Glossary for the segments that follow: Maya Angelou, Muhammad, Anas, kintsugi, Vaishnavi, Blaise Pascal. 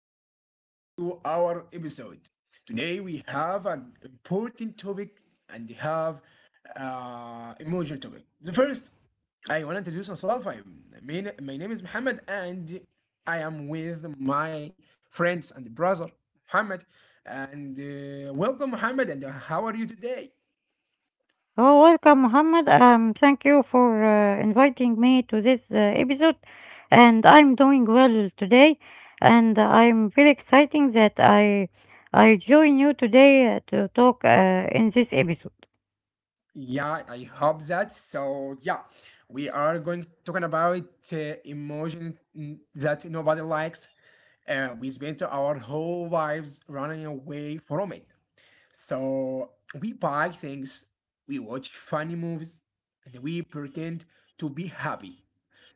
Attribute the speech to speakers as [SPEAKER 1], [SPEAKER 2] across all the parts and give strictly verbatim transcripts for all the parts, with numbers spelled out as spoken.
[SPEAKER 1] and welcome back to our episode. Today we have an important topic and have uh, emotional topic. The first, I want to introduce myself. I'm my, na- my name is Muhammad, and I am with my friends and brother Muhammad. And uh, welcome, Muhammad. And how are you today?
[SPEAKER 2] Oh, welcome, Muhammad. Um, thank you for uh, inviting me to this uh, episode. And I'm doing well today, and I'm very exciting that I I join you today uh, to talk uh, in this episode.
[SPEAKER 1] Yeah, I hope that. So yeah, we are going talking about uh, emotion n- that nobody likes. Uh, we spent our whole lives running away from it. So we buy things, we watch funny movies, and we pretend to be happy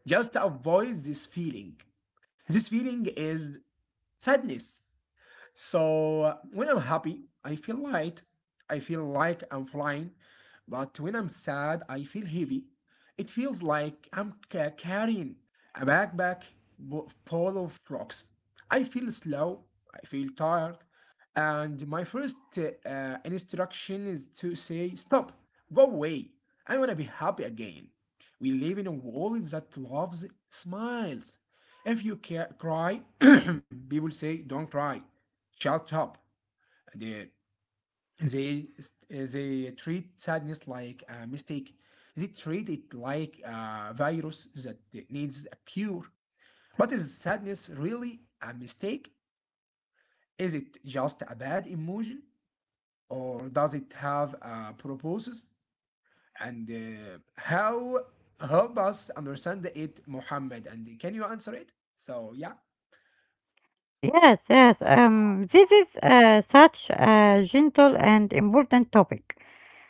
[SPEAKER 1] just to avoid this feeling. This feeling is sadness. So uh, when I'm happy, I feel light. I feel like I'm flying. But when I'm sad, I feel heavy. It feels like I'm ca- carrying a backpack bu- full of rocks. I feel slow. I feel tired. And my first uh, uh, instruction is to say, stop, go away. I want to be happy again. We live in a world that loves smiles. If you ca- cry, people say, don't cry shut up. They, they, they treat sadness like a mistake. They treat it like a virus that needs a cure. But is sadness really a mistake? Is it just a bad emotion? Or does it have a purpose? And uh, how help us understand it, Muhammad? And can you answer it? So, yeah.
[SPEAKER 2] Yes, yes. Um, this is uh, such a gentle and important topic,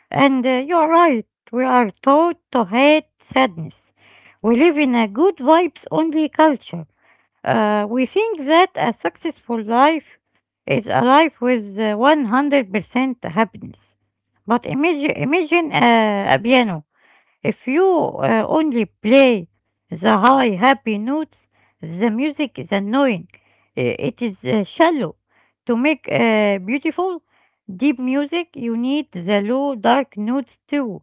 [SPEAKER 2] and uh, you are right. We are taught to hate sadness. We live in a good vibes only culture. Uh, we think that a successful life is a life with uh, one hundred percent happiness. But imagine, imagine uh, a piano. If you uh, only play the high happy notes, the music is annoying. Uh, It is uh, shallow. To make uh, beautiful, deep music, you need the low dark notes too.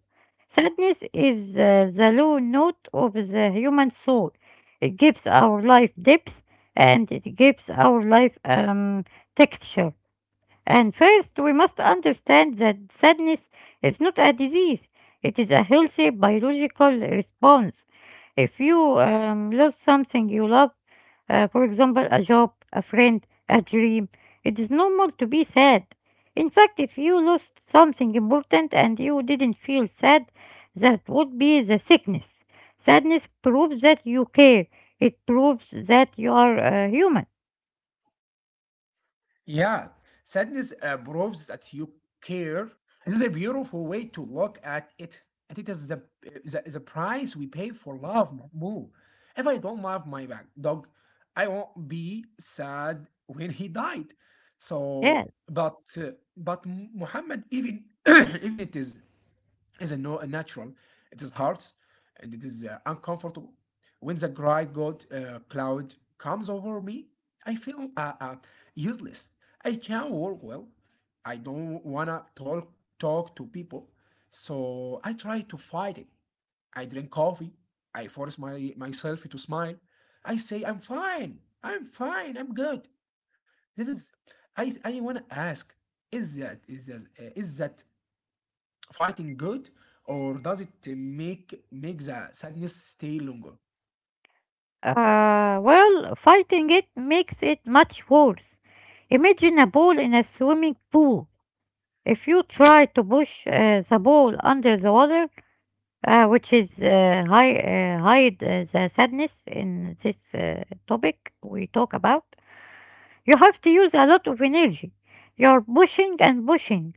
[SPEAKER 2] Sadness is uh, the low note of the human soul. It gives our life depth, and it gives our life um, texture. And first, we must understand that sadness is not a disease, it is a healthy biological response. If you um, lose something you love, uh, for example, a job, a friend, a dream, it is normal to be sad. In fact, if you lost something important and you didn't feel sad, that would be the sickness. Sadness proves that you care. It proves that you are uh, human.
[SPEAKER 1] Yeah, sadness uh, proves that you care. This is a beautiful way to look at it. And it is the, the, the price we pay for love, Mahmoud. If I don't love my back dog, I won't be sad when he died.
[SPEAKER 2] Yeah.
[SPEAKER 1] So, but uh, but Muhammad, even even it is is a, no, natural. It is hard and it is uh, uncomfortable. When the gray god uh, cloud comes over me, I feel uh, uh, useless. I can't work well. I don't wanna talk talk to people, so I try to fight it. I drink coffee. I force my myself to smile. I say I'm fine. I'm fine. I'm good. This is. I I wanna ask. Is that is that uh, is that fighting good, or does it uh, make make the sadness stay longer?
[SPEAKER 2] Uh, well, fighting it makes it much worse. Imagine a ball in a swimming pool. If you try to push uh, the ball under the water, uh, which is uh, hi- uh, hide uh, the sadness in this uh, topic we talk about, you have to use a lot of energy. You're pushing and pushing,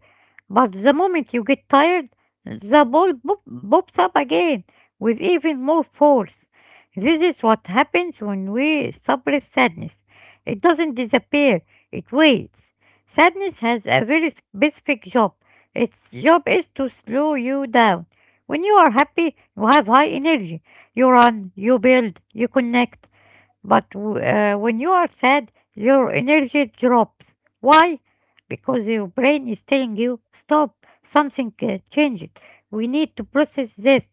[SPEAKER 2] but the moment you get tired, the ball pop- pops up again with even more force. This is what happens when we suppress sadness. It doesn't disappear, it waits. Sadness has a very specific job. Its job is to slow you down. When you are happy, you have high energy. You run, you build, you connect. But w- uh, when you are sad, your energy drops. Why? Because your brain is telling you, stop, something uh, changed. We need to process this.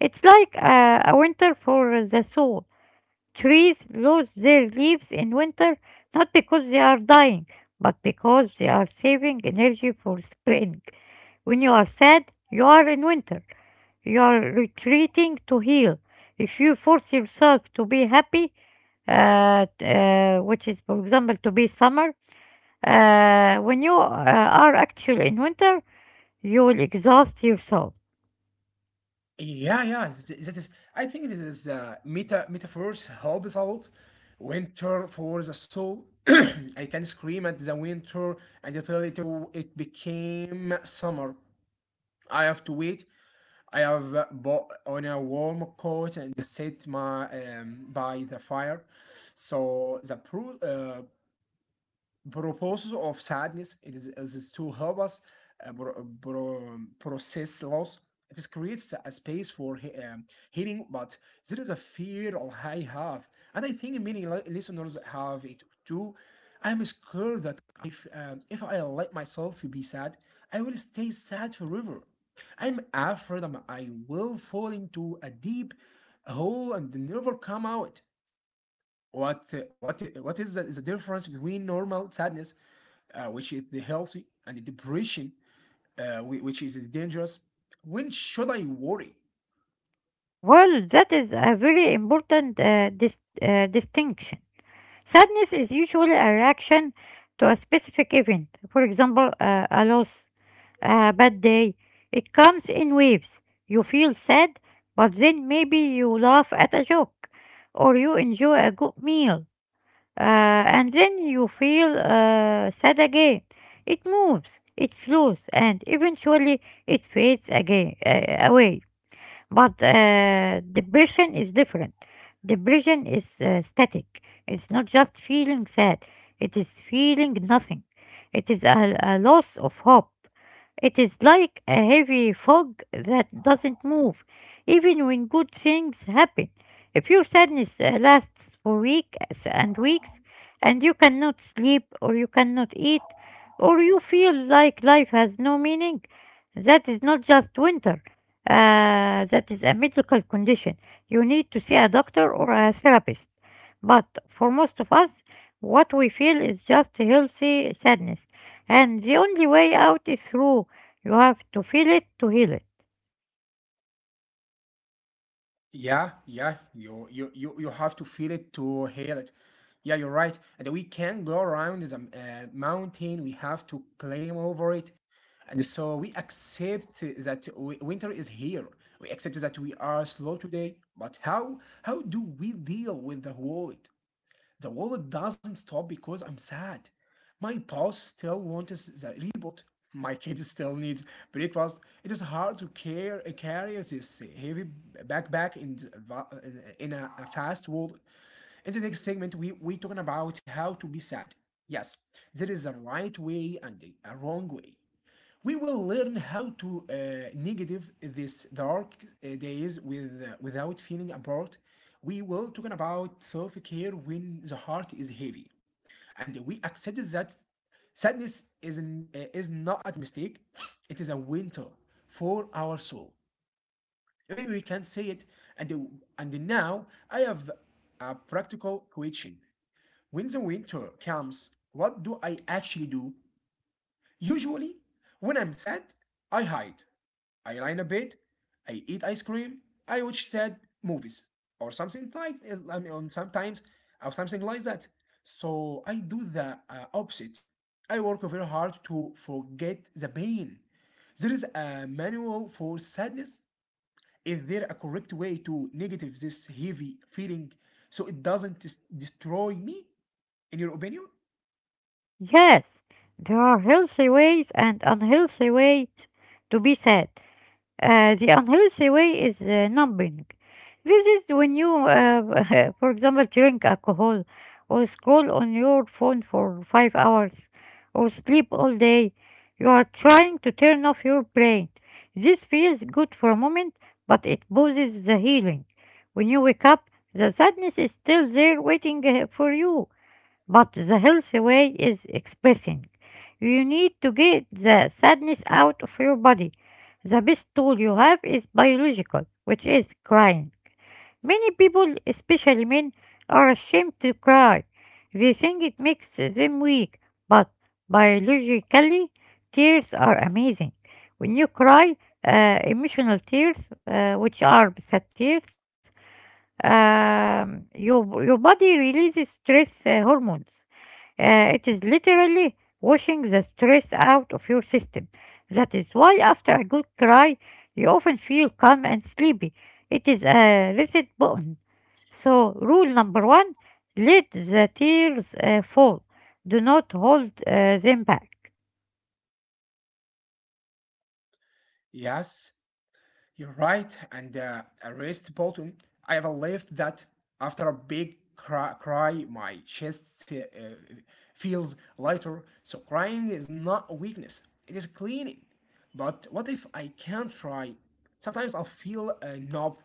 [SPEAKER 2] It's like uh, a winter for the soul. Trees lose their leaves in winter not because they are dying, but because they are saving energy for spring. When you are sad, you are in winter. You are retreating to heal. If you force yourself to be happy, uh, uh, which is, for example, to be summer, uh, when you uh, are actually in winter, you will exhaust yourself.
[SPEAKER 1] Yeah, yeah, th- that is. I think this is the meta metaphors helps a lot. Winter for the soul. I can scream at the winter and until it it became summer. I have to wait. I have uh, bought on a warm coat and sit my um, by the fire. So the pro- uh, proposal of sadness it is, is to help us uh, pro- pro- process loss. It creates a space for he- um, healing, but there is a fear of I have, and I think many li- listeners have it too. I'm scared that if um, if I let myself be sad, I will stay sad forever. i'm afraid I'm, I will fall into a deep hole and never come out. What uh, what i- what is the, the difference between normal sadness, uh, which is the healthy, and the depression, uh, whi- which is the dangerous? When should I worry?
[SPEAKER 2] Well, that is a very important uh, dis- uh, distinction. Sadness is usually a reaction to a specific event, for example, uh, a loss, a bad day. It comes in waves. You feel sad, but then maybe you laugh at a joke or you enjoy a good meal, uh, and then you feel uh, sad again. It moves, it flows, and eventually it fades again uh, away. But uh, depression is different. Depression is uh, static. It's not just feeling sad. It is feeling nothing. It is a, a loss of hope. It is like a heavy fog that doesn't move, even when good things happen. If your sadness uh, lasts for weeks and weeks, and you cannot sleep, or you cannot eat, or you feel like life has no meaning, that is not just winter. Uh, that is a medical condition. You need to see a doctor or a therapist. But for most of us, what we feel is just healthy sadness. And the only way out is through. You have to feel it to heal it.
[SPEAKER 1] Yeah, yeah, you you you you have to feel it to hear it. Yeah, you're right. And we can go around the uh, mountain. We have to climb over it, and so we accept that wi- winter is here. We accept that we are slow today. But how how do we deal with the world? The world doesn't stop because I'm sad. My boss still wants the reboot. My kid still needs breakfast. It is hard to care, carry this heavy backpack in, the va- in a, a fast world. In the next segment, we, we talking about how to be sad. Yes, there is a right way and a wrong way. We will learn how to uh, negative this dark uh, days with, uh, without feeling apart. We will talking about self-care when the heart is heavy, and we accept that sadness is an, uh, is not a mistake. It is a winter for our soul. Maybe we can say it. And and now I have a practical question. When the winter comes, what do I actually do? Usually, when I'm sad, I hide. I lie in a bed, I eat ice cream, I watch sad movies or something like I mean, sometimes or something like that. So I do the uh, opposite. I work very hard to forget the pain. There is a manual for sadness. Is there a correct way to negative this heavy feeling so it doesn't des- destroy me? In your opinion?
[SPEAKER 2] Yes, there are healthy ways and unhealthy ways to be sad. Uh, the unhealthy way is uh, numbing. This is when you, uh, for example, drink alcohol or scroll on your phone for five hours or sleep all day. You are trying to turn off your brain. This feels good for a moment, but it pauses the healing. When you wake up, the sadness is still there waiting uh, for you. But the healthy way is expressing. You need to get the sadness out of your body. The best tool you have is biological, which is crying. Many people, especially men, are ashamed to cry. They think it makes them weak, but biologically, tears are amazing. When you cry, uh, emotional tears, uh, which are sad tears, um, your, your body releases stress uh, hormones. Uh, it is literally washing the stress out of your system. That is why, after a good cry, you often feel calm and sleepy. It is a reset button. So, rule number one, let the tears uh, fall, do not hold uh, them back.
[SPEAKER 1] Yes, you're right, and uh, arrest Bolton. I have left that after a big cry, cry my chest uh, feels lighter. So crying is not a weakness; it is cleaning. But what if I can't try? Sometimes I feel a knob.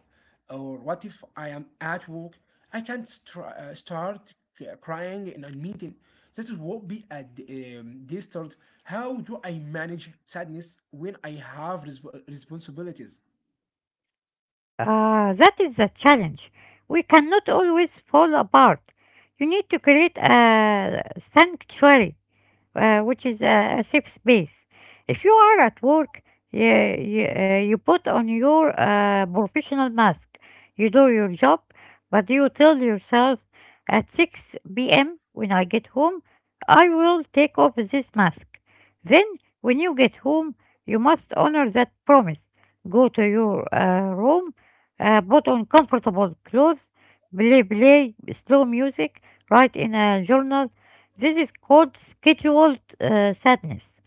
[SPEAKER 1] Or what if I am at work? I can't str- uh, start c- crying in a meeting. This will be a d- um, distort. How do I manage sadness when I have resp- responsibilities?
[SPEAKER 2] Ah, that is the challenge. We cannot always fall apart. You need to create a sanctuary, uh, which is a, a safe space. If you are at work, you, you, uh, you put on your uh, professional mask. You do your job, but you tell yourself, at six p m when I get home, I will take off this mask. Then, when you get home, you must honor that promise. Go to your uh, room, uh, put on comfortable clothes, play, play slow music, write in a journal. This is called scheduled uh, sadness.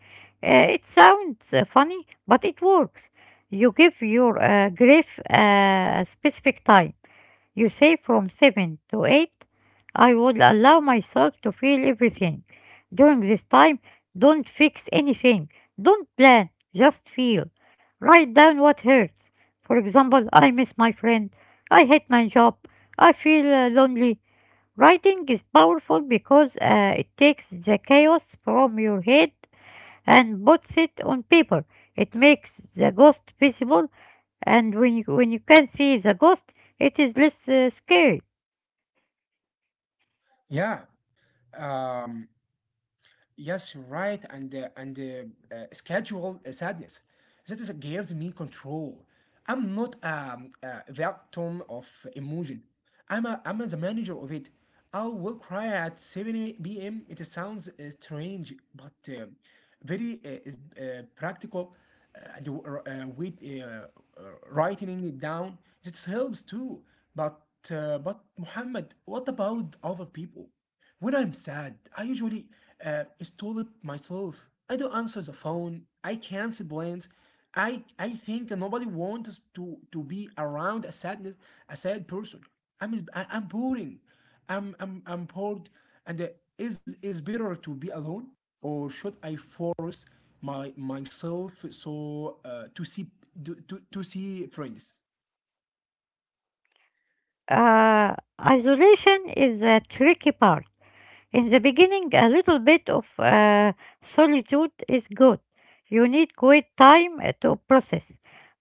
[SPEAKER 2] Uh, it sounds uh, funny, but it works. You give your uh, grief uh, a specific time. You say, from seven to eight, I will allow myself to feel everything. During this time, don't fix anything. Don't plan, just feel. Write down what hurts. For example, I miss my friend. I hate my job. I feel uh, lonely. Writing is powerful because uh, it takes the chaos from your head and puts it on paper. It makes the ghost visible, and when you, when you can see the ghost, it is less uh, scary.
[SPEAKER 1] Yeah. Um, yes, you're right. And uh, and uh, uh, schedule uh, sadness. That is gives me control. I'm not um, a victim of emotion. I'm a, I'm the manager of it. I will cry at seven p m. It sounds uh, strange, but uh, very uh, is- uh, practical. Uh, and uh, uh, with uh, uh, writing it down, that helps too. But uh, but Muhammad, what about other people? When I'm sad, I usually uh, stall it myself. I don't answer the phone. I cancel plans. I I think nobody wants to to be around a sadness, a sad person. I'm is- I- I'm boring. I'm I'm I'm bored. And uh, is is better to be alone, or should I force my myself so uh, to see to, to to see friends?
[SPEAKER 2] Uh, Isolation is a tricky part. In the beginning, a little bit of uh, solitude is good. You need quiet time uh, to process.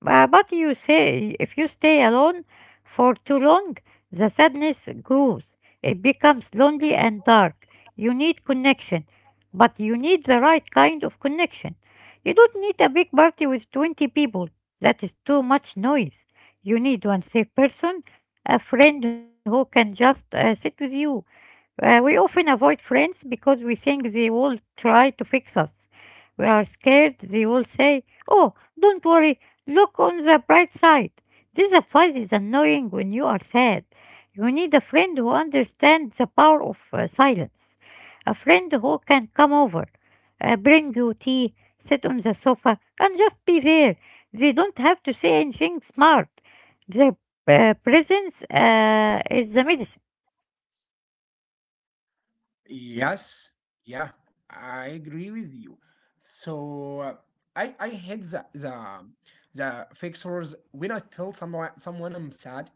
[SPEAKER 2] Bu- But you say, if you stay alone for too long, the sadness grows. It becomes lonely and dark. You need connection, but you need the right kind of connection. You don't need a big party with twenty people. That is too much noise. You need one safe person, a friend who can just uh, sit with you. Uh, we often avoid friends because we think they will try to fix us. We are scared they will say, oh, don't worry, look on the bright side. This advice is annoying when you are sad. You need a friend who understands the power of uh, silence, a friend who can come over, uh, bring you tea, sit on the sofa, and just be there. They don't have to say anything smart. Their uh, presence uh, is the medicine.
[SPEAKER 1] Yes, yeah, I agree with you. So uh, I I hate the the the fixers when I tell someone someone I'm sad,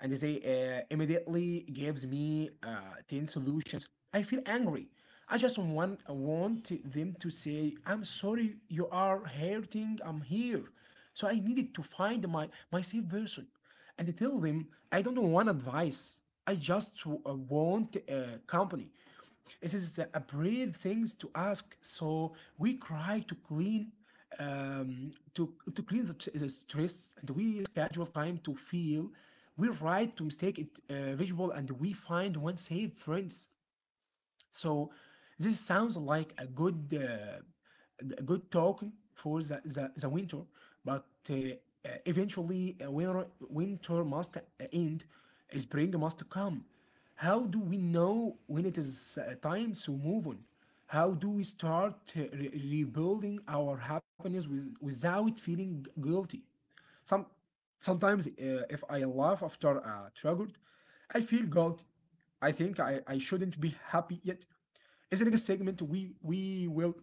[SPEAKER 1] and they uh, immediately gives me uh, ten solutions. I feel angry. I just want I want them to say I'm sorry. You are hurting. I'm here. So I needed to find my my safe person and tell them I don't want advice. I just uh, want uh, company. It is a brave things to ask, so we try to clean um, to to clean the, the stress, and we schedule time to feel. We write to mistake it uh, visual, and we find one safe friends. So this sounds like a good uh, a good talk for the, the, the winter, but uh, uh, eventually uh, winter, winter must uh, end, uh, spring must come. How do we know when it is uh, time to move on? How do we start uh, re- rebuilding our happiness with, without feeling guilty? Some Sometimes uh, if I laugh after a uh, triggered, I feel guilty. I think I, I shouldn't be happy yet. In the next segment, we we will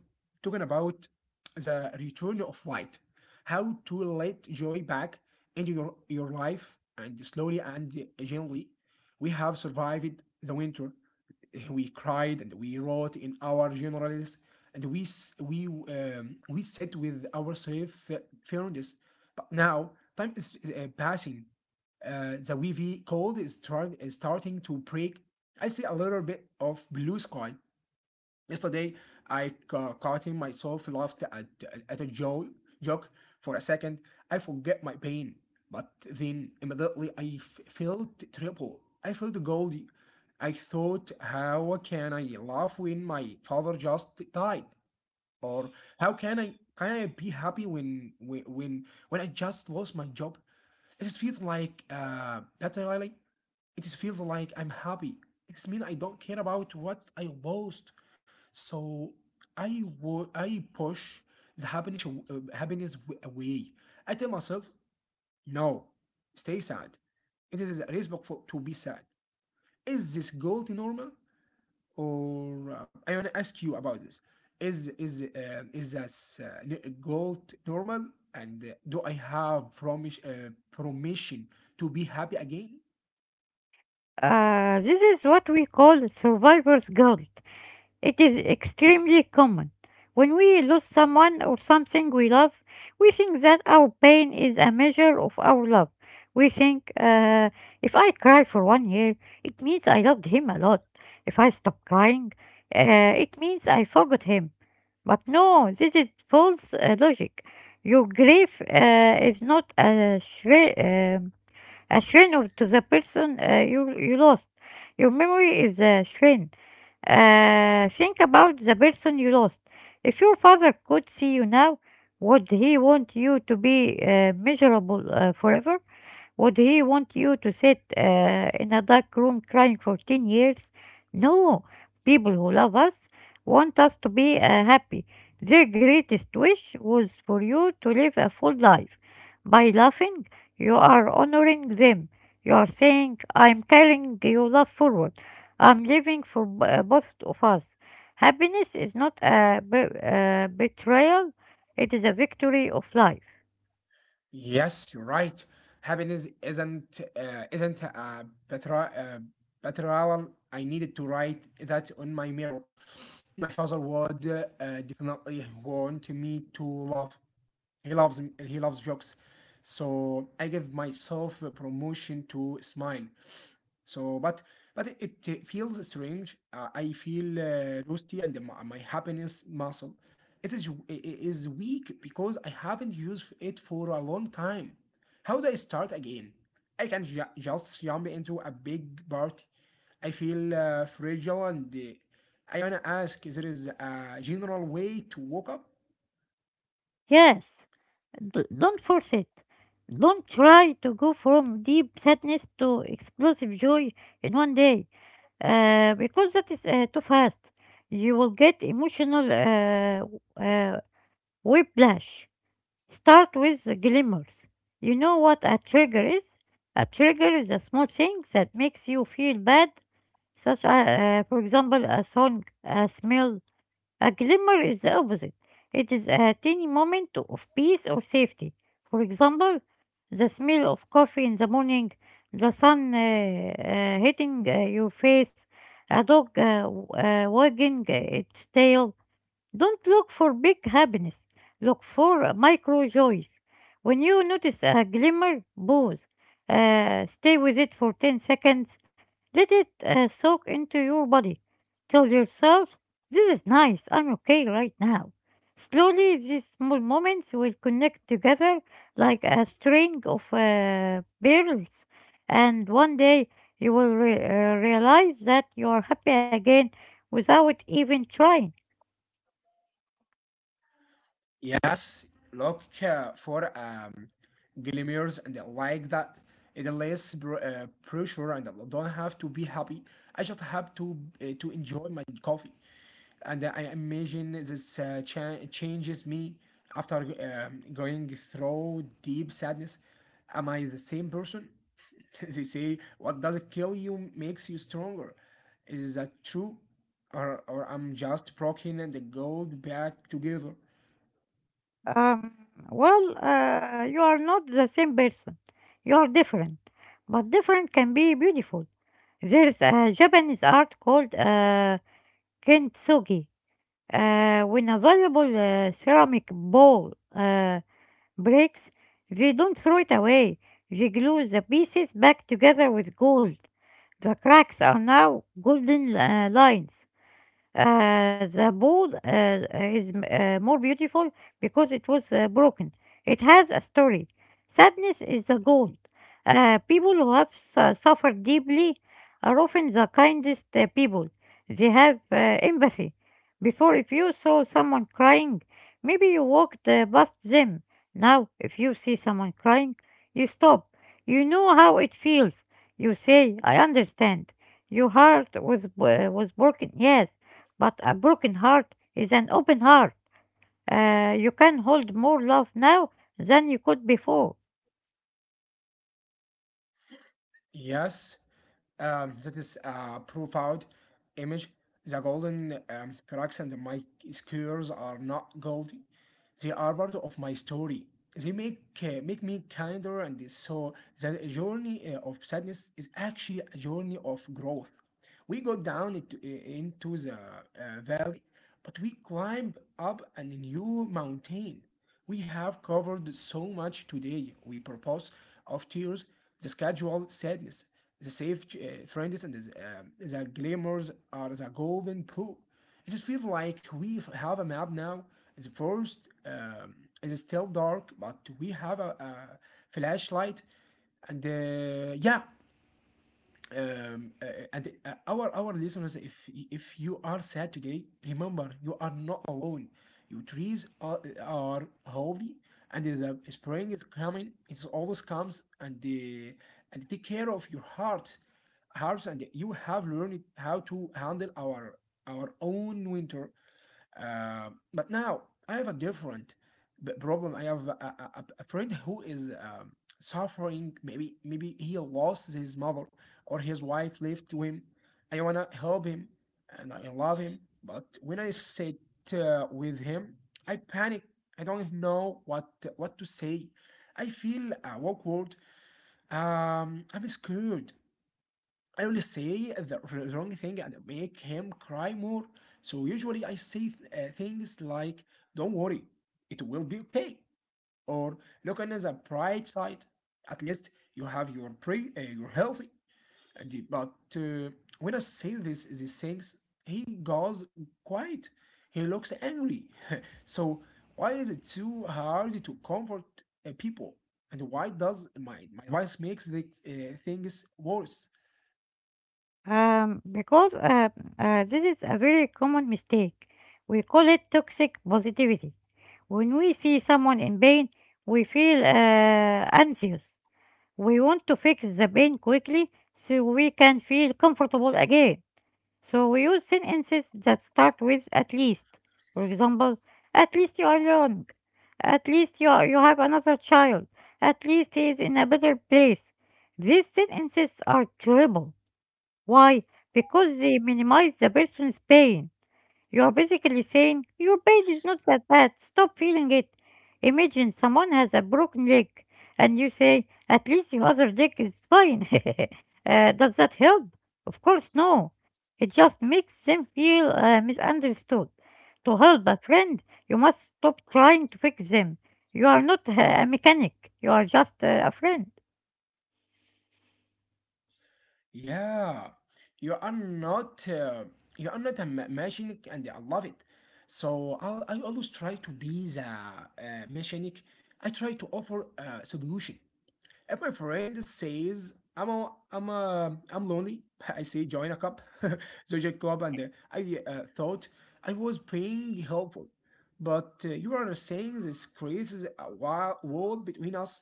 [SPEAKER 1] talking about the return of light, how to let joy back into your your life, and slowly and gently, we have survived the winter. We cried and we wrote in our journals, and we s- we um, we sat with our safe fairness. But now time is, is, uh, passing. Uh, the wavy cold is, try- is starting to break. I see a little bit of blue sky. Yesterday, I ca- caught him myself laughed at, at a jo- joke for a second. I forget my pain, but then immediately I f- felt triple. I felt goldy. I thought, how can I laugh when my father just died? Or how can I can I be happy when when when when I just lost my job? It feels like uh, battle rally it is feels like I'm happy. It's mean I don't care about what I lost. So I wo- I push the happiness aw- uh, happiness w- away. I tell myself, no, stay sad. It is respectful to be sad. Is this guilty normal? Or uh, I want to ask you about this. Is is uh, is this uh, n- guilt normal? And uh, do I have promis uh, permission to be happy again?
[SPEAKER 2] Uh, this is what we call survivor's guilt. It is extremely common. When we lose someone or something we love, we think that our pain is a measure of our love. We think, uh, if I cry for one year, it means I loved him a lot. If I stop crying, uh, it means I forgot him. But no, this is false uh, logic. Your grief uh, is not a shri- uh, a strain of, to the person uh, you, you lost. Your memory is a strain. Uh, think about the person you lost. If your father could see you now, would he want you to be uh, miserable uh, forever? Would he want you to sit uh, in a dark room crying for ten years? No, people who love us want us to be uh, happy. Their greatest wish was for you to live a full life. By laughing, you are honoring them. You are saying, I'm carrying your love forward. I'm living for b- uh, both of us. Happiness is not a be- uh, betrayal, it is a victory of life.
[SPEAKER 1] Yes, you're right. Happiness isn't uh, isn't a petra uh, petrol. I needed to write that on my mirror. My father would uh, definitely want me to laugh. He loves he loves jokes, so I give myself a promotion to smile. So, but but it, it feels strange. Uh, I feel uh, rusty and my, my happiness muscle. It is it is weak because I haven't used it for a long time. How do I start again? I can ju- just jump into a big party. I feel uh, fragile and uh, I wanna ask: is there is a general way to wake up?
[SPEAKER 2] Yes. D- don't force it. Don't try to go from deep sadness to explosive joy in one day, uh, because that is uh, too fast. You will get emotional uh, uh, whiplash. Start with the glimmers. You know what a trigger is? A trigger is a small thing that makes you feel bad, such as, uh, for example, a song, a smell. A glimmer is the opposite. It is a tiny moment of peace or safety. For example, the smell of coffee in the morning, the sun uh, uh, hitting uh, your face, a dog uh, w- uh, wagging uh, its tail. Don't look for big happiness. Look for micro joys. When you notice a glimmer, pause. Uh, stay with it for ten seconds. Let it uh, soak into your body. Tell yourself, this is nice, I'm okay right now. Slowly, these small moments will connect together like a string of uh, pearls. And one day, you will re- uh, realize that you are happy again without even trying.
[SPEAKER 1] Yes, look uh, for um, glimmers and like that. It less pr- uh, pressure, and I don't have to be happy. I just have to uh, to enjoy my coffee, and I imagine this uh, cha- changes me after um, going through deep sadness. Am I the same person? They say what doesn't kill you makes you stronger. Is that true? Or, or I'm just broken and the gold back together.
[SPEAKER 2] Um, well, uh, you are not the same person. You are different. But different can be beautiful. There's a Japanese art called uh, kintsugi. Uh, when a valuable uh, ceramic bowl uh, breaks, they don't throw it away. They glue the pieces back together with gold. The cracks are now golden uh, lines. Uh, the ball uh, is uh, more beautiful because it was uh, broken. It has a story. Sadness is the gold. Uh, people who have su- suffered deeply are often the kindest uh, people. They have uh, empathy. Before, if you saw someone crying, maybe you walked uh, past them. Now, if you see someone crying, you stop. You know how it feels. You say, I understand. Your heart was, uh, was broken, yes, but a broken heart is an open heart. Uh, you can hold more love now than you could before.
[SPEAKER 1] Yes, um, that is a profound image. The golden um, cracks and my skewers are not gold. They are part of my story. They make uh, make me kinder, and so the journey uh, of sadness is actually a journey of growth. We go down into, into the uh, valley, but we climbed up a new mountain. We have covered so much today. We propose of tears, the schedule sadness, the safe uh, friends, and the, um the glamours are the golden pool. It just feels like we have a map now. The first um, it's still dark, but we have a, a flashlight, and uh, yeah. um, uh, uh, and uh, our our listeners, if if you are sad today, remember you are not alone. Your trees are, are healthy, and the spring is coming. It always comes, and uh, and take care of your heart, hearts, and you have learned how to handle our our own winter. Uh, but now I have a different b- problem. I have a, a, a- a friend who is um, suffering. Maybe maybe he lost his mother or his wife left to him. I wanna help him and I love him. But when I sit uh, with him, I panic. I don't know what what to say. I feel uh, awkward. Um, I'm scared. I only say the wrong thing and make him cry more. So usually I say th- uh, things like, don't worry, it will be okay. Or look on the bright side. At least you have your pre, uh, you're healthy. And he- but uh, when I say this, these things, he goes quiet. He looks angry. So why is it too hard to comfort uh, people? And why does my, my advice makes the uh, things worse?
[SPEAKER 2] Um, because uh, uh, this is a very common mistake. We call it toxic positivity. When we see someone in pain, we feel uh, anxious. We want to fix the pain quickly so we can feel comfortable again. So we use sentences that start with at least. For example, at least you are young. At least you, are, you have another child. At least he is in a better place. These sentences are terrible. Why? Because they minimize the person's pain. You are basically saying, your pain is not that bad, stop feeling it. Imagine someone has a broken leg and you say, at least your other leg is fine. Uh, does that help? Of course, no. It just makes them feel uh, misunderstood. To help a friend, you must stop trying to fix them. You are not uh, a mechanic, you are just uh, a friend.
[SPEAKER 1] Yeah, you are not uh, you are not a ma- mechanic, and I love it. So I'll, I always try to be the uh, mechanic. I try to offer a solution, and my friend says, "I'm a, I'm a, I'm lonely." I say, "Join a club, join a club." And uh, I uh, thought I was being helpful, but uh, you are saying this creates a wa- wall between us.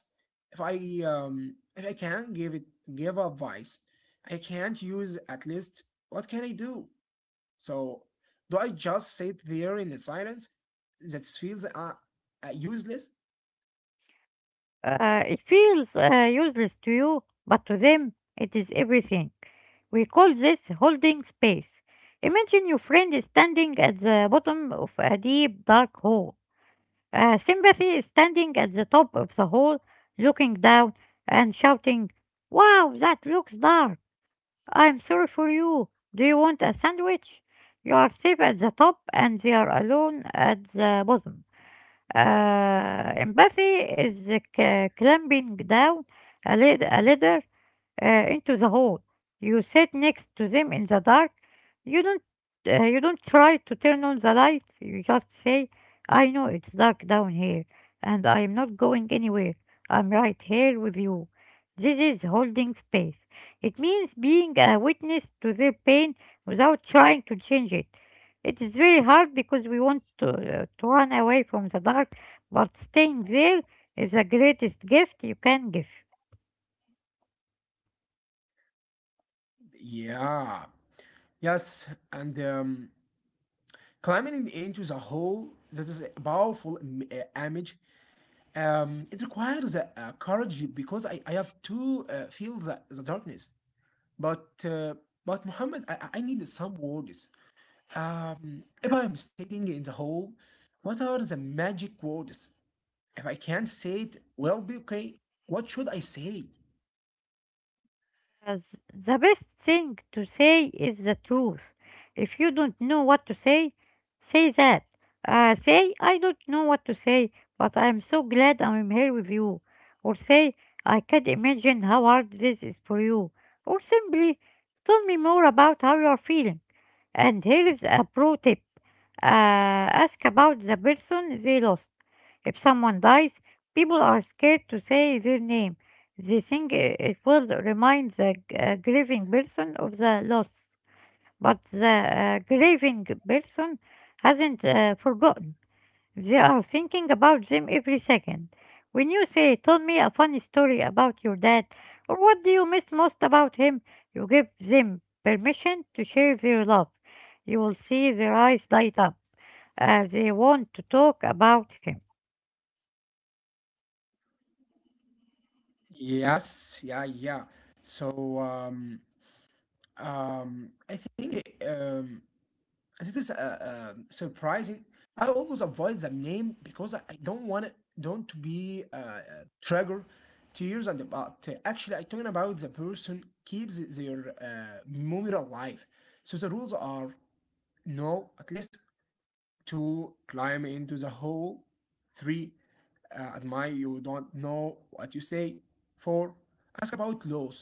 [SPEAKER 1] If I um, if I can't give it give advice, I can't use at least. What can I do? So, do I just sit there in the silence that feels uh, uh, useless?
[SPEAKER 2] Uh, it feels uh, useless to you, but to them, it is everything. We call this holding space. Imagine your friend is standing at the bottom of a deep, dark hole. Uh, sympathy is standing at the top of the hall, looking down and shouting, wow, that looks dark. I'm sorry for you. Do you want a sandwich? You are safe at the top and they are alone at the bottom. Uh, empathy is uh, c- climbing down a, lid- a ladder uh, into the hole. You sit next to them in the dark. You don't uh, you don't try to turn on the light. You just say, "I know it's dark down here, and I'm not going anywhere. I'm right here with you." This is holding space. It means being a witness to their pain without trying to change it. It is very hard because we want to, uh, to run away from the dark, but staying there is the greatest gift you can give.
[SPEAKER 1] Yeah. Yes, and um, climbing into the hole, that is a powerful uh, image. Um, it requires uh, uh, courage because I, I have to uh, feel the, the darkness. But uh, but Muhammad, I, I need some words. Um, if I'm standing in the hole, what are the magic words? If I can't say it, well, be okay. What should I say?
[SPEAKER 2] As the best thing to say is the truth. If you don't know what to say, say that. Uh, say, I don't know what to say, but I'm so glad I'm here with you. Or say, I can't imagine how hard this is for you. Or simply, tell me more about how you are feeling. And here is a pro tip, uh, ask about the person they lost. If someone dies, people are scared to say their name. They think i- it will remind the g- uh, grieving person of the loss, but the uh, grieving person hasn't uh, forgotten. They are thinking about them every second. When you say, tell me a funny story about your dad, or what do you miss most about him, you give them permission to share their love. You will see their eyes light up. Uh, they want to talk about him.
[SPEAKER 1] Yes, yeah, yeah. So um, um, I think um, this is uh, um surprising. I always avoid the name because I I don't want it, don't to be uh, uh, trigger to use and about. Uh, actually, I talking about the person keeps their uh, memory alive. So the rules are no, at least, to climb into the hole, three, uh, admire you don't know what you say, four, ask about laws.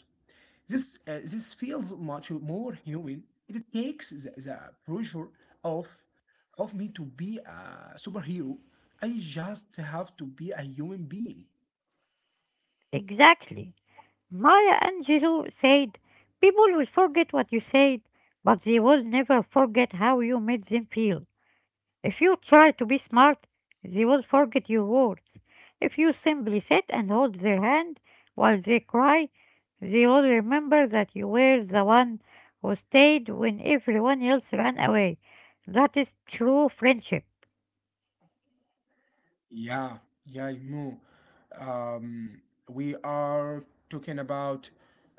[SPEAKER 1] This, uh, this feels much more human. It takes the, the pressure off of me to be a superhero. I just have to be a human being.
[SPEAKER 2] Exactly. Maya Angelou said, people will forget what you said, but they will never forget how you made them feel. If you try to be smart, they will forget your words. If you simply sit and hold their hand while they cry, they will remember that you were the one who stayed when everyone else ran away. That is true friendship.
[SPEAKER 1] Yeah, yeah, Mu. Um, we are talking about,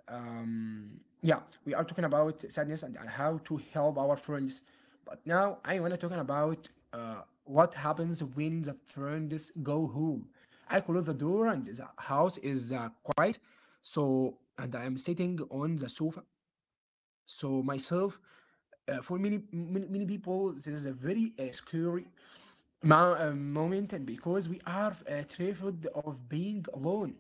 [SPEAKER 1] um, yeah, we are talking about sadness and how to help our friends. But now I wanna talking about uh, what happens when the friends go home. I close the door and the house is uh, quiet. So and I am sitting on the sofa. So myself, uh, for many, many many people, this is a very uh, scary ma- uh, moment, and because we are uh, terrified of being alone.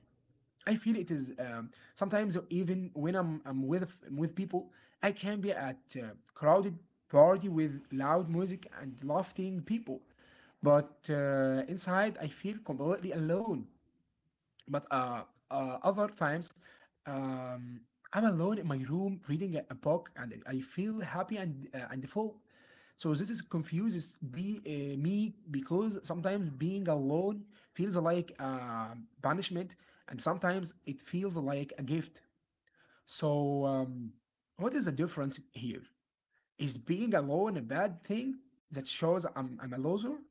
[SPEAKER 1] I feel it is um, sometimes even when I'm, I'm with with people, I can be at a crowded party with loud music and laughing people, but uh, inside I feel completely alone. But uh, uh, other times, um, I'm alone in my room reading a, a book, and I feel happy and uh, and full. So this is confuses be uh, me because sometimes being alone feels like uh, punishment, and sometimes it feels like a gift. So um, what is the difference here? Is being alone a bad thing that shows I'm, I'm a loser?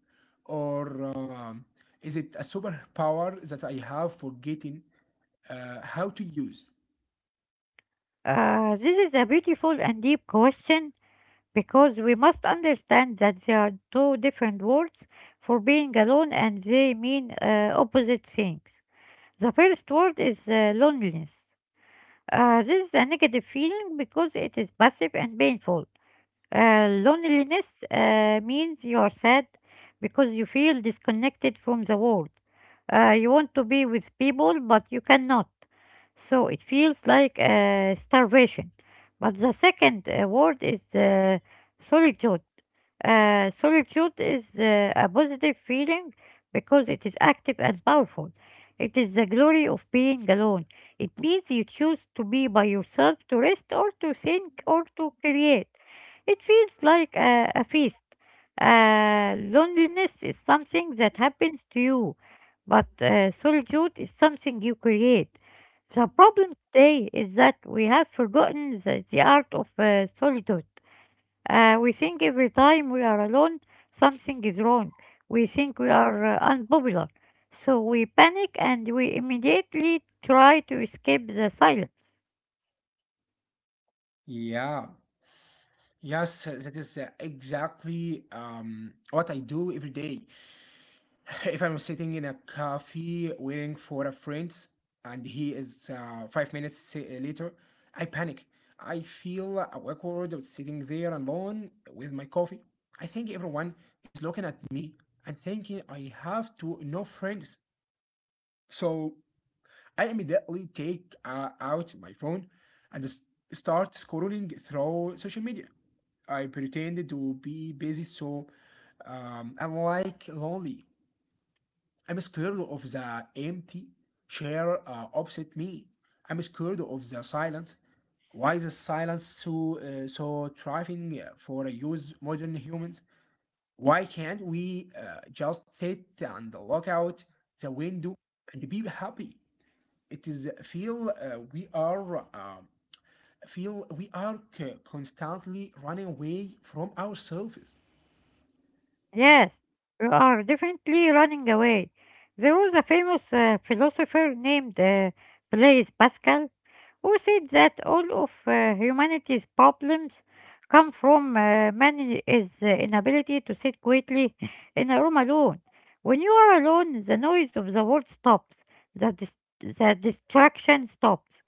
[SPEAKER 1] Or um, is it a superpower that I have for getting uh, how to use?
[SPEAKER 2] Uh, this is a beautiful and deep question because we must understand that there are two different words for being alone and they mean uh, opposite things. The first word is uh, loneliness. Uh, this is a negative feeling because it is passive and painful. Uh, loneliness uh, means you are sad because you feel disconnected from the world. Uh, you want to be with people, but you cannot. So it feels like uh, starvation. But the second uh, word is uh, solitude. Uh, solitude is uh, a positive feeling because it is active and powerful. It is the glory of being alone. It means you choose to be by yourself to rest or to think or to create. It feels like a, a feast. Uh, loneliness is something that happens to you, but uh, solitude is something you create. The problem today is that we have forgotten the, the art of uh, solitude. Uh, we think every time we are alone, something is wrong. We think we are uh, unpopular. So we panic and we immediately try to escape the silence.
[SPEAKER 1] Yeah, yes, that is uh, exactly um, what I do every day. If I'm sitting in a cafe waiting for a friend and he is uh, five minutes si- later, I panic. I feel awkward sitting there alone with my coffee. I think everyone is looking at me and thinking I have to no friends. So I immediately take uh, out my phone and s- start scrolling through social media. I pretended to be busy so um, I'm like lonely. I'm scared of the empty chair uh, opposite me. I'm scared of the silence. Why is the silence so uh, so thriving uh, for use modern humans? Why can't we uh, just sit and look out the window and be happy? It is feel uh, we are um feel we are c- constantly running away from ourselves.
[SPEAKER 2] Yes, you are definitely running away. There was a famous uh, philosopher named uh, Blaise Pascal who said that all of uh, humanity's problems come from uh, man's uh, inability to sit quietly in a room alone. When you are alone, the noise of the world stops, the dis- the distraction stops,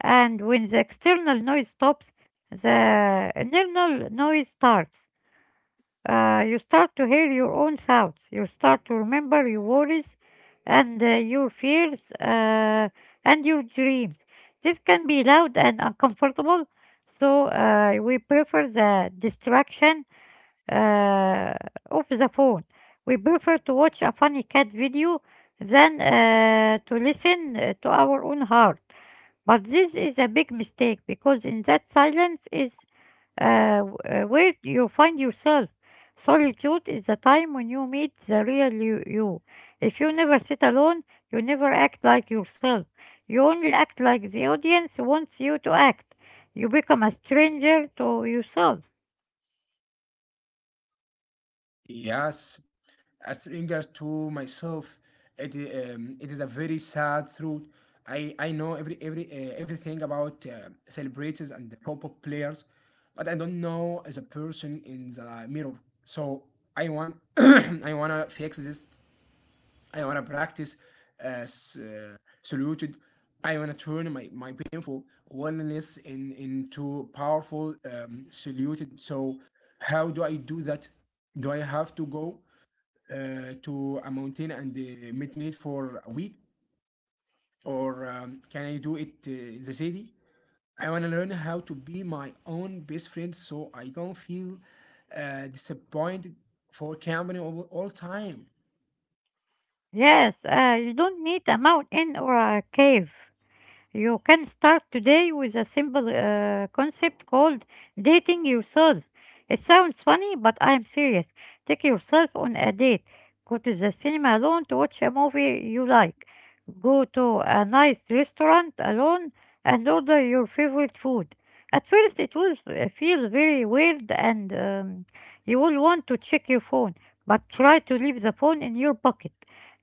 [SPEAKER 2] and when the external noise stops, the internal noise starts. Uh, you start to hear your own thoughts. You start to remember your worries and uh, your fears uh, and your dreams. This can be loud and uncomfortable, so uh, we prefer the distraction uh, of the phone. We prefer to watch a funny cat video than uh, to listen uh, to our own heart. But this is a big mistake because in that silence is uh, w- uh, where you find yourself. Solitude is the time when you meet the real you, you. If you never sit alone, you never act like yourself. You only act like the audience wants you to act. You become a stranger to yourself.
[SPEAKER 1] Yes, as regards to myself, it, i- um, it is a very sad truth. I, I know every every uh, everything about uh, celebrities and the pop-up players, but I don't know as a person in the mirror. So I want I wanna fix this. I wanna practice as uh, saluted. I wanna turn my, my painful loneliness in into powerful um, saluted. So how do I do that? Do I have to go uh, to a mountain and uh, made made for a week or um, can I do it uh, in the city? I want to learn how to be my own best friend so I don't feel uh, disappointed for company all, all time.
[SPEAKER 2] Yes, uh, you don't need a mountain or a cave. You can start today with a simple uh, concept called dating yourself. It sounds funny, but I'm serious. Take yourself on a date. Go to the cinema alone to watch a movie you like. Go to a nice restaurant alone and order your favorite food. At first, it will uh, feel very weird and um, you will want to check your phone, but try to leave the phone in your pocket.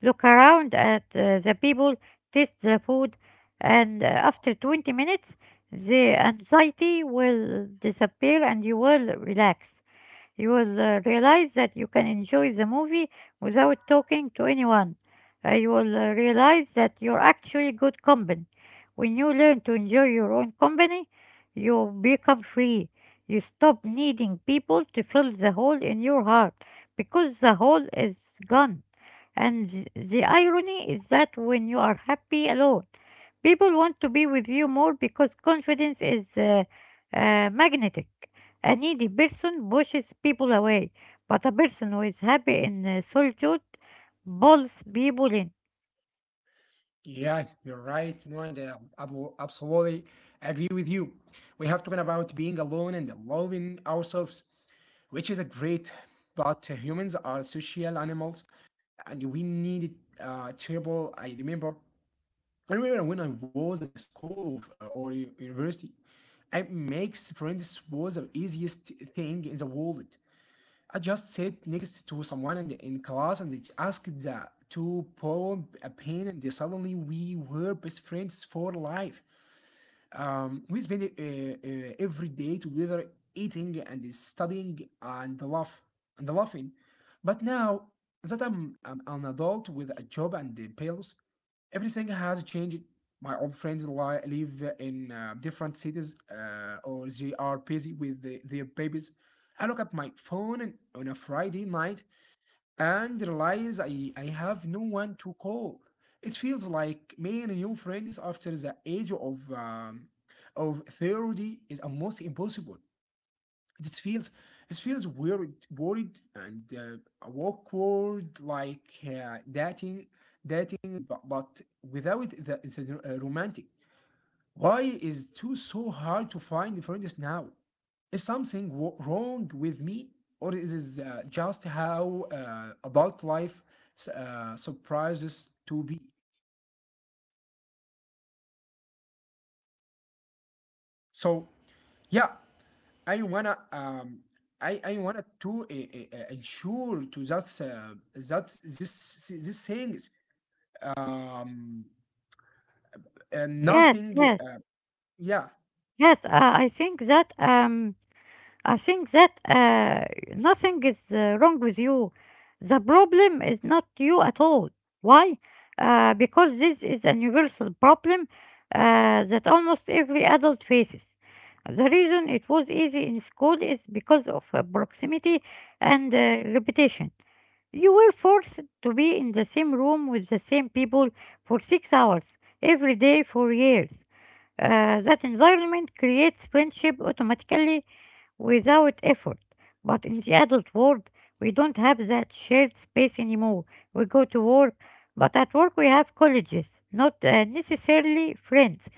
[SPEAKER 2] Look around at uh, the people, taste the food, and uh, after twenty minutes the anxiety will disappear and you will relax. You will uh, realize that you can enjoy the movie without talking to anyone. Uh, you will uh, realize that you're actually good company. When you learn to enjoy your own company, you become free. You stop needing people to fill the hole in your heart because the hole is gone. And th- the irony is that when you are happy alone, people want to be with you more because confidence is uh, uh, magnetic. A needy person pushes people away, but a person who is happy in uh, solitude pulls people in.
[SPEAKER 1] Yeah, you're right, and I will absolutely agree with you. We have talking about being alone and loving ourselves, which is a great, but humans are social animals and we need uh, trouble. I remember I remember when I was in school of, uh, or u- university, I makes friends was the easiest thing in the world. I just sit next to someone in, in class and it's asked the, to pull a pen and suddenly we were best friends for life. Um, we spend uh, uh, every day together eating and studying and laugh and laughing. But now that I'm, I'm an adult with a job and the bills, everything has changed. My old friends li- live in uh, different cities uh, or they are busy with the, their babies. I look at my phone and on a Friday night and realize I, I have no one to call. It feels like making new friends after the age of um, of thirty is almost impossible. It feels it feels weird, worried and uh, awkward, like uh, dating, dating, but, but without the, the uh, romantic. Why is it too so hard to find friends now? Is something w- wrong with me, or is this uh, just how uh, adult life s- uh, surprises to be? So yeah, I wanna um, I I wanna to uh, uh, uh, ensure to that uh, that this this things um and
[SPEAKER 2] Yes,
[SPEAKER 1] nothing
[SPEAKER 2] yes,
[SPEAKER 1] uh, yeah,
[SPEAKER 2] yes. Uh, I think that um, I think that uh, nothing is uh, wrong with you. The problem is not you at all. Why? Uh, because this is a universal problem uh, that almost every adult faces. The reason it was easy in school is because of uh, proximity and uh, repetition. You were forced to be in the same room with the same people for six hours every day for years. Uh, that environment creates friendship automatically without effort. But in the adult world, we don't have that shared space anymore. We go to work, but at work we have colleagues, not uh, necessarily friends.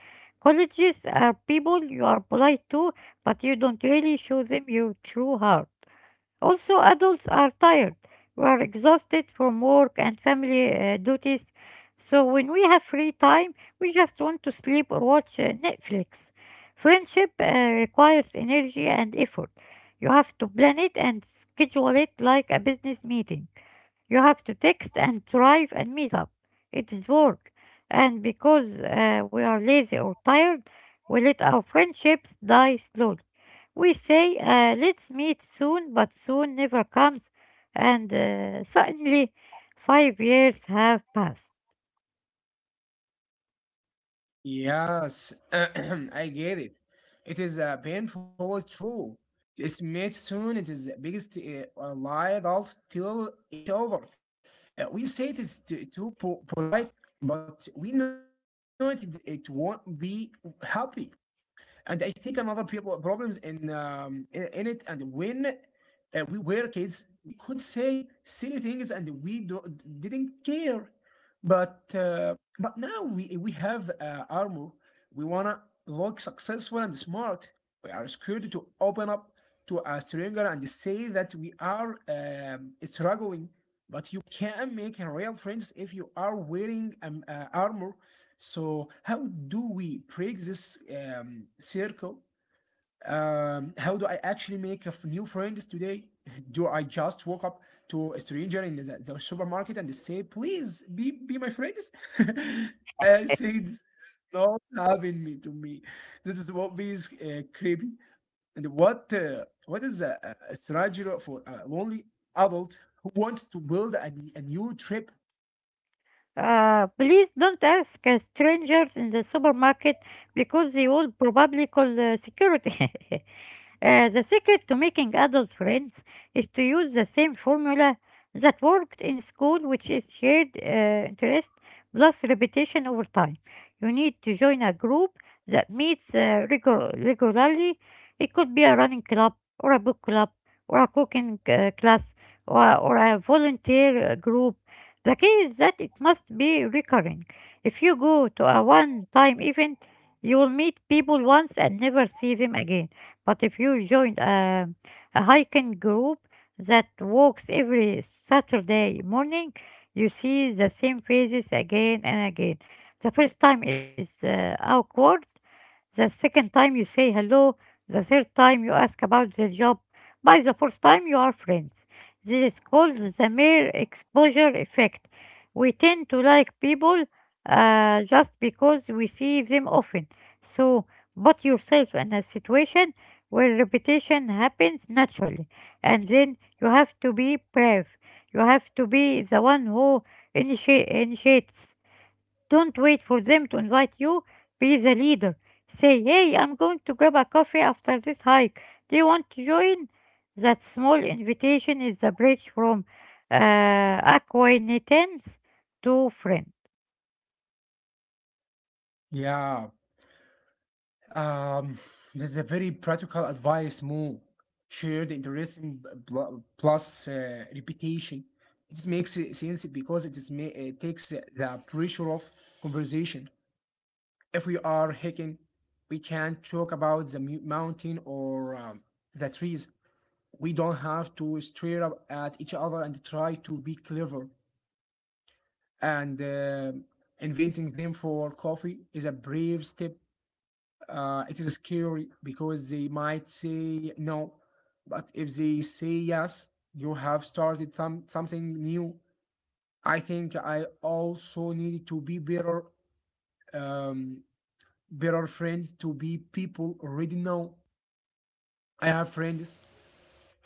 [SPEAKER 2] Colleagues are people you are polite to, but you don't really show them your true heart. Also, adults are tired. We are exhausted from work and family uh, duties. So, when we have free time, we just want to sleep or watch uh, Netflix. Friendship uh, requires energy and effort. You have to plan it and schedule it like a business meeting. You have to text and drive and meet up. It is work. And because uh, we are lazy or tired, we let our friendships die slowly. We say, uh, let's meet soon, but soon never comes, and uh, suddenly five years have passed.
[SPEAKER 1] yes. I get it. It is uh, painful true. It's made soon. It is the biggest uh, lie they tell each other. Uh, we say it is t- too po- polite, but we know it, it won't be happy. And I think another people problems in um, in, in it and when uh, we were kids, we could say silly things and we do, didn't care. But uh, but now we we have uh, armor. We wanna look successful and smart. We are scared to open up to a stranger and say that we are um, struggling. But you can make real friends if you are wearing um, uh, armor. So how do we break this um, circle? Um, how do I actually make a f- new friends today? Do I just walk up to a stranger in the, the supermarket and say, "Please be be my friends"? I say this is not happening me to me. This is what is uh, creepy. And what uh, what is a, a a strategy for a lonely adult who wants to build a a new trip?
[SPEAKER 2] Uh, please don't ask uh, strangers in the supermarket because they will probably call uh, security. Uh, the secret to making adult friends is to use the same formula that worked in school, which is shared uh, interest plus repetition over time. You need to join a group that meets uh, regu- regularly. It could be a running club, or a book club, or a cooking uh, class, or, or a volunteer uh, group. The key is that it must be recurring. If you go to a one time event, you will meet people once and never see them again. But if you join a, a hiking group that walks every Saturday morning, you see the same faces again and again. The first time is uh, awkward, the second time you say hello, the third time you ask about their job, by the fourth time you are friends. This is called the mere exposure effect. We tend to like people uh, just because we see them often. So put yourself in a situation where repetition happens naturally, and then you have to be brave. You have to be the one who initi- initiates. Don't wait for them to invite you. Be the leader. Say, hey, I'm going to grab a coffee after this hike. Do you want to join? That small invitation is the bridge from uh, acquaintance to friend.
[SPEAKER 1] Yeah. Um, this is a very practical advice, Mo. Share the interesting pl- plus uh, reputation. It makes sense because it is ma- it takes the pressure of conversation. If we are hiking, we can talk about the mu- mountain or um, the trees. We don't have to stare up at each other and try to be clever. And um inventing them for coffee is a brave step. Uh, it is scary because they might say no, but if they say yes, you have started some something new. I think I also needed to be better, um, better friends to be people already know. I have friends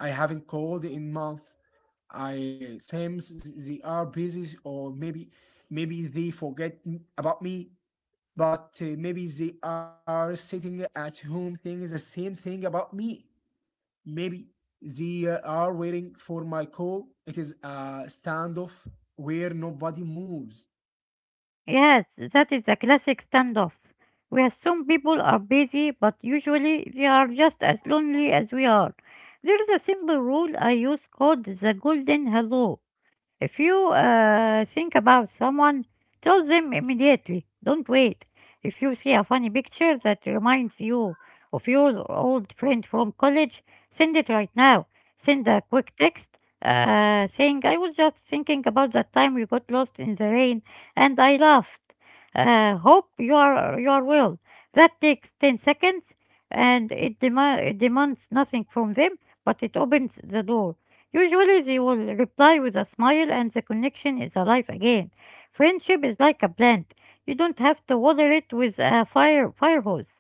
[SPEAKER 1] I haven't called in month. I seems th- they are busy or maybe maybe they forget m- about me, but uh, maybe they are sitting at home thinking the same thing about me. Maybe they uh, are waiting for my call. It is a standoff where nobody moves.
[SPEAKER 2] Yes, that is a classic standoff. We assume people are busy, but usually they are just as lonely as we are. There is a simple rule I use called the golden hello. If you uh, think about someone, tell them immediately. Don't wait. If you see a funny picture that reminds you of your old friend from college, send it right now. Send a quick text uh, saying, I was just thinking about that time we got lost in the rain and I laughed. Uh, hope you are, you are well. That takes ten seconds and it, dema- it demands nothing from them, but it opens the door. Usually they will reply with a smile and the connection is alive again. Friendship is like a plant. You don't have to water it with a fire fire hose.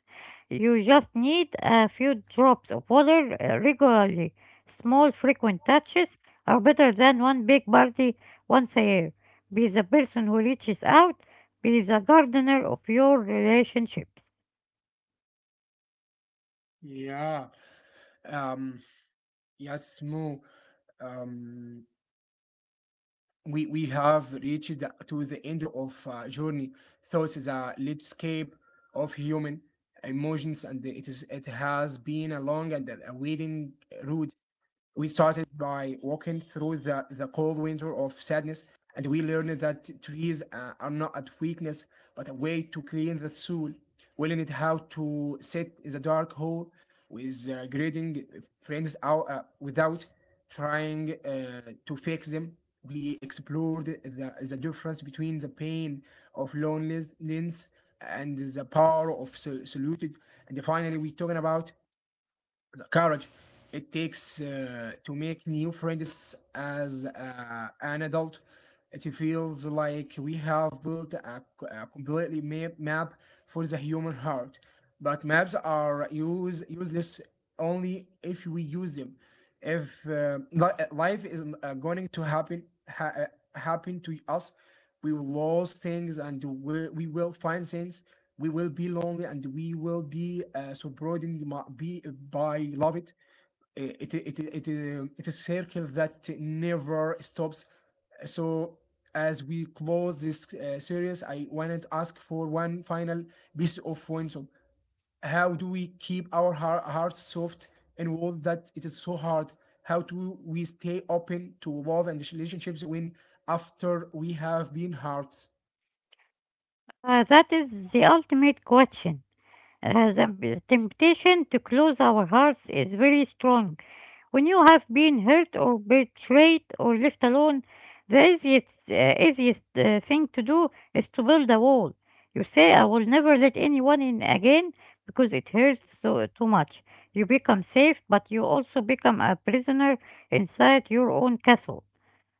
[SPEAKER 2] You just need a few drops of water uh, regularly. Small frequent touches are better than one big party once a year. Be the person who reaches out, be the gardener of your relationships.
[SPEAKER 1] Yeah. Um, yes, Mo. Um, we, we have reached to the end of uh, journey. Thoughts is a landscape of human emotions, and it is it has been a long and a waiting road. We started by walking through the, the cold winter of sadness, and we learned that trees uh, are not a weakness, but a way to clean the soul. We learned how to sit in the dark hole with uh, grading friends out uh, without trying uh, to fix them. We explored the, the difference between the pain of loneliness and the power of so- solitude. And finally, we talking about the courage it takes uh, to make new friends as uh, an adult. It feels like we have built a, c- a completely ma- map for the human heart, but maps are use, useless only if we use them. If uh, li- uh, life is uh, going to happen ha- uh, happen to us, we will lose things and we, we will find things. We will be lonely and we will be uh, so broadened ma- by love it Eh, it it, it, it, uh, it's a circle that never stops. So as we close this uh, series, I wanted to ask for one final piece of wisdom. How do we keep our heart, hearts soft in a world that it is so hard? How do we stay open to love and relationships when after we have been hurt?
[SPEAKER 2] Uh, that is the ultimate question. Uh, the temptation to close our hearts is very strong. When you have been hurt or betrayed or left alone, the easiest, uh, easiest uh, thing to do is to build a wall. You say, I will never let anyone in again because it hurts so, too much. You become safe, but you also become a prisoner inside your own castle.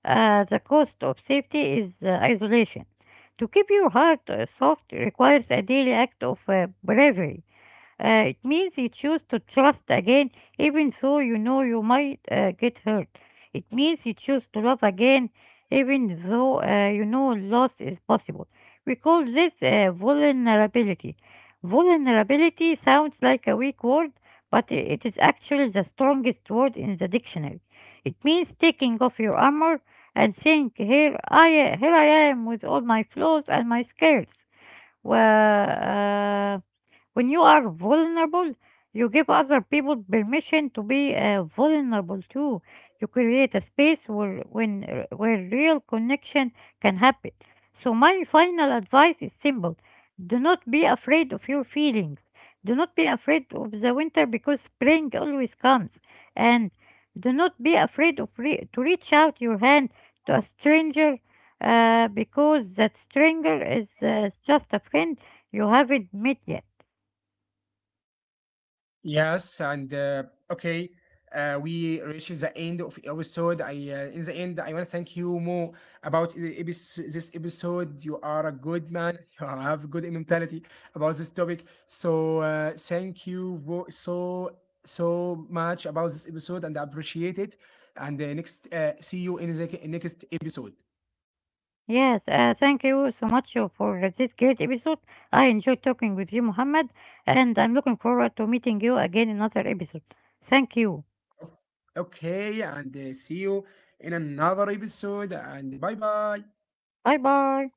[SPEAKER 2] Uh, the cost of safety is uh, isolation. To keep your heart uh, soft requires a daily act of uh, bravery. Uh, it means you choose to trust again, even though you know you might uh, get hurt. It means you choose to love again, even though uh, you know loss is possible. We call this uh, vulnerability. Vulnerability sounds like a weak word, but i- it is actually the strongest word in the dictionary. It means taking off your armor and saying, "Here I, here I am with all my flaws and my scares." Well, when you are vulnerable, you give other people permission to be uh, vulnerable too. You create a space where, when, uh, where real connection can happen. So, my final advice is simple do not be afraid of your feelings. Do not be afraid of the winter because spring always comes. And do not be afraid of re- to reach out your hand to a stranger uh, because that stranger is uh, just a friend you haven't met yet.
[SPEAKER 1] Yes, and uh, okay, uh, we reached the end of episode. I uh, In the end, I want to thank you more about the episode, this episode. You are a good man. You have good mentality about this topic. So uh, thank you wo- so so much about this episode, and I appreciate it. And uh, next, uh, see you in the next episode.
[SPEAKER 2] Yes, uh, thank you so much uh, for this great episode. I enjoyed talking with you, Muhammad, and I'm looking forward to meeting you again in another episode. Thank you.
[SPEAKER 1] Okay, and uh, see you in another episode. And bye bye.
[SPEAKER 2] Bye bye.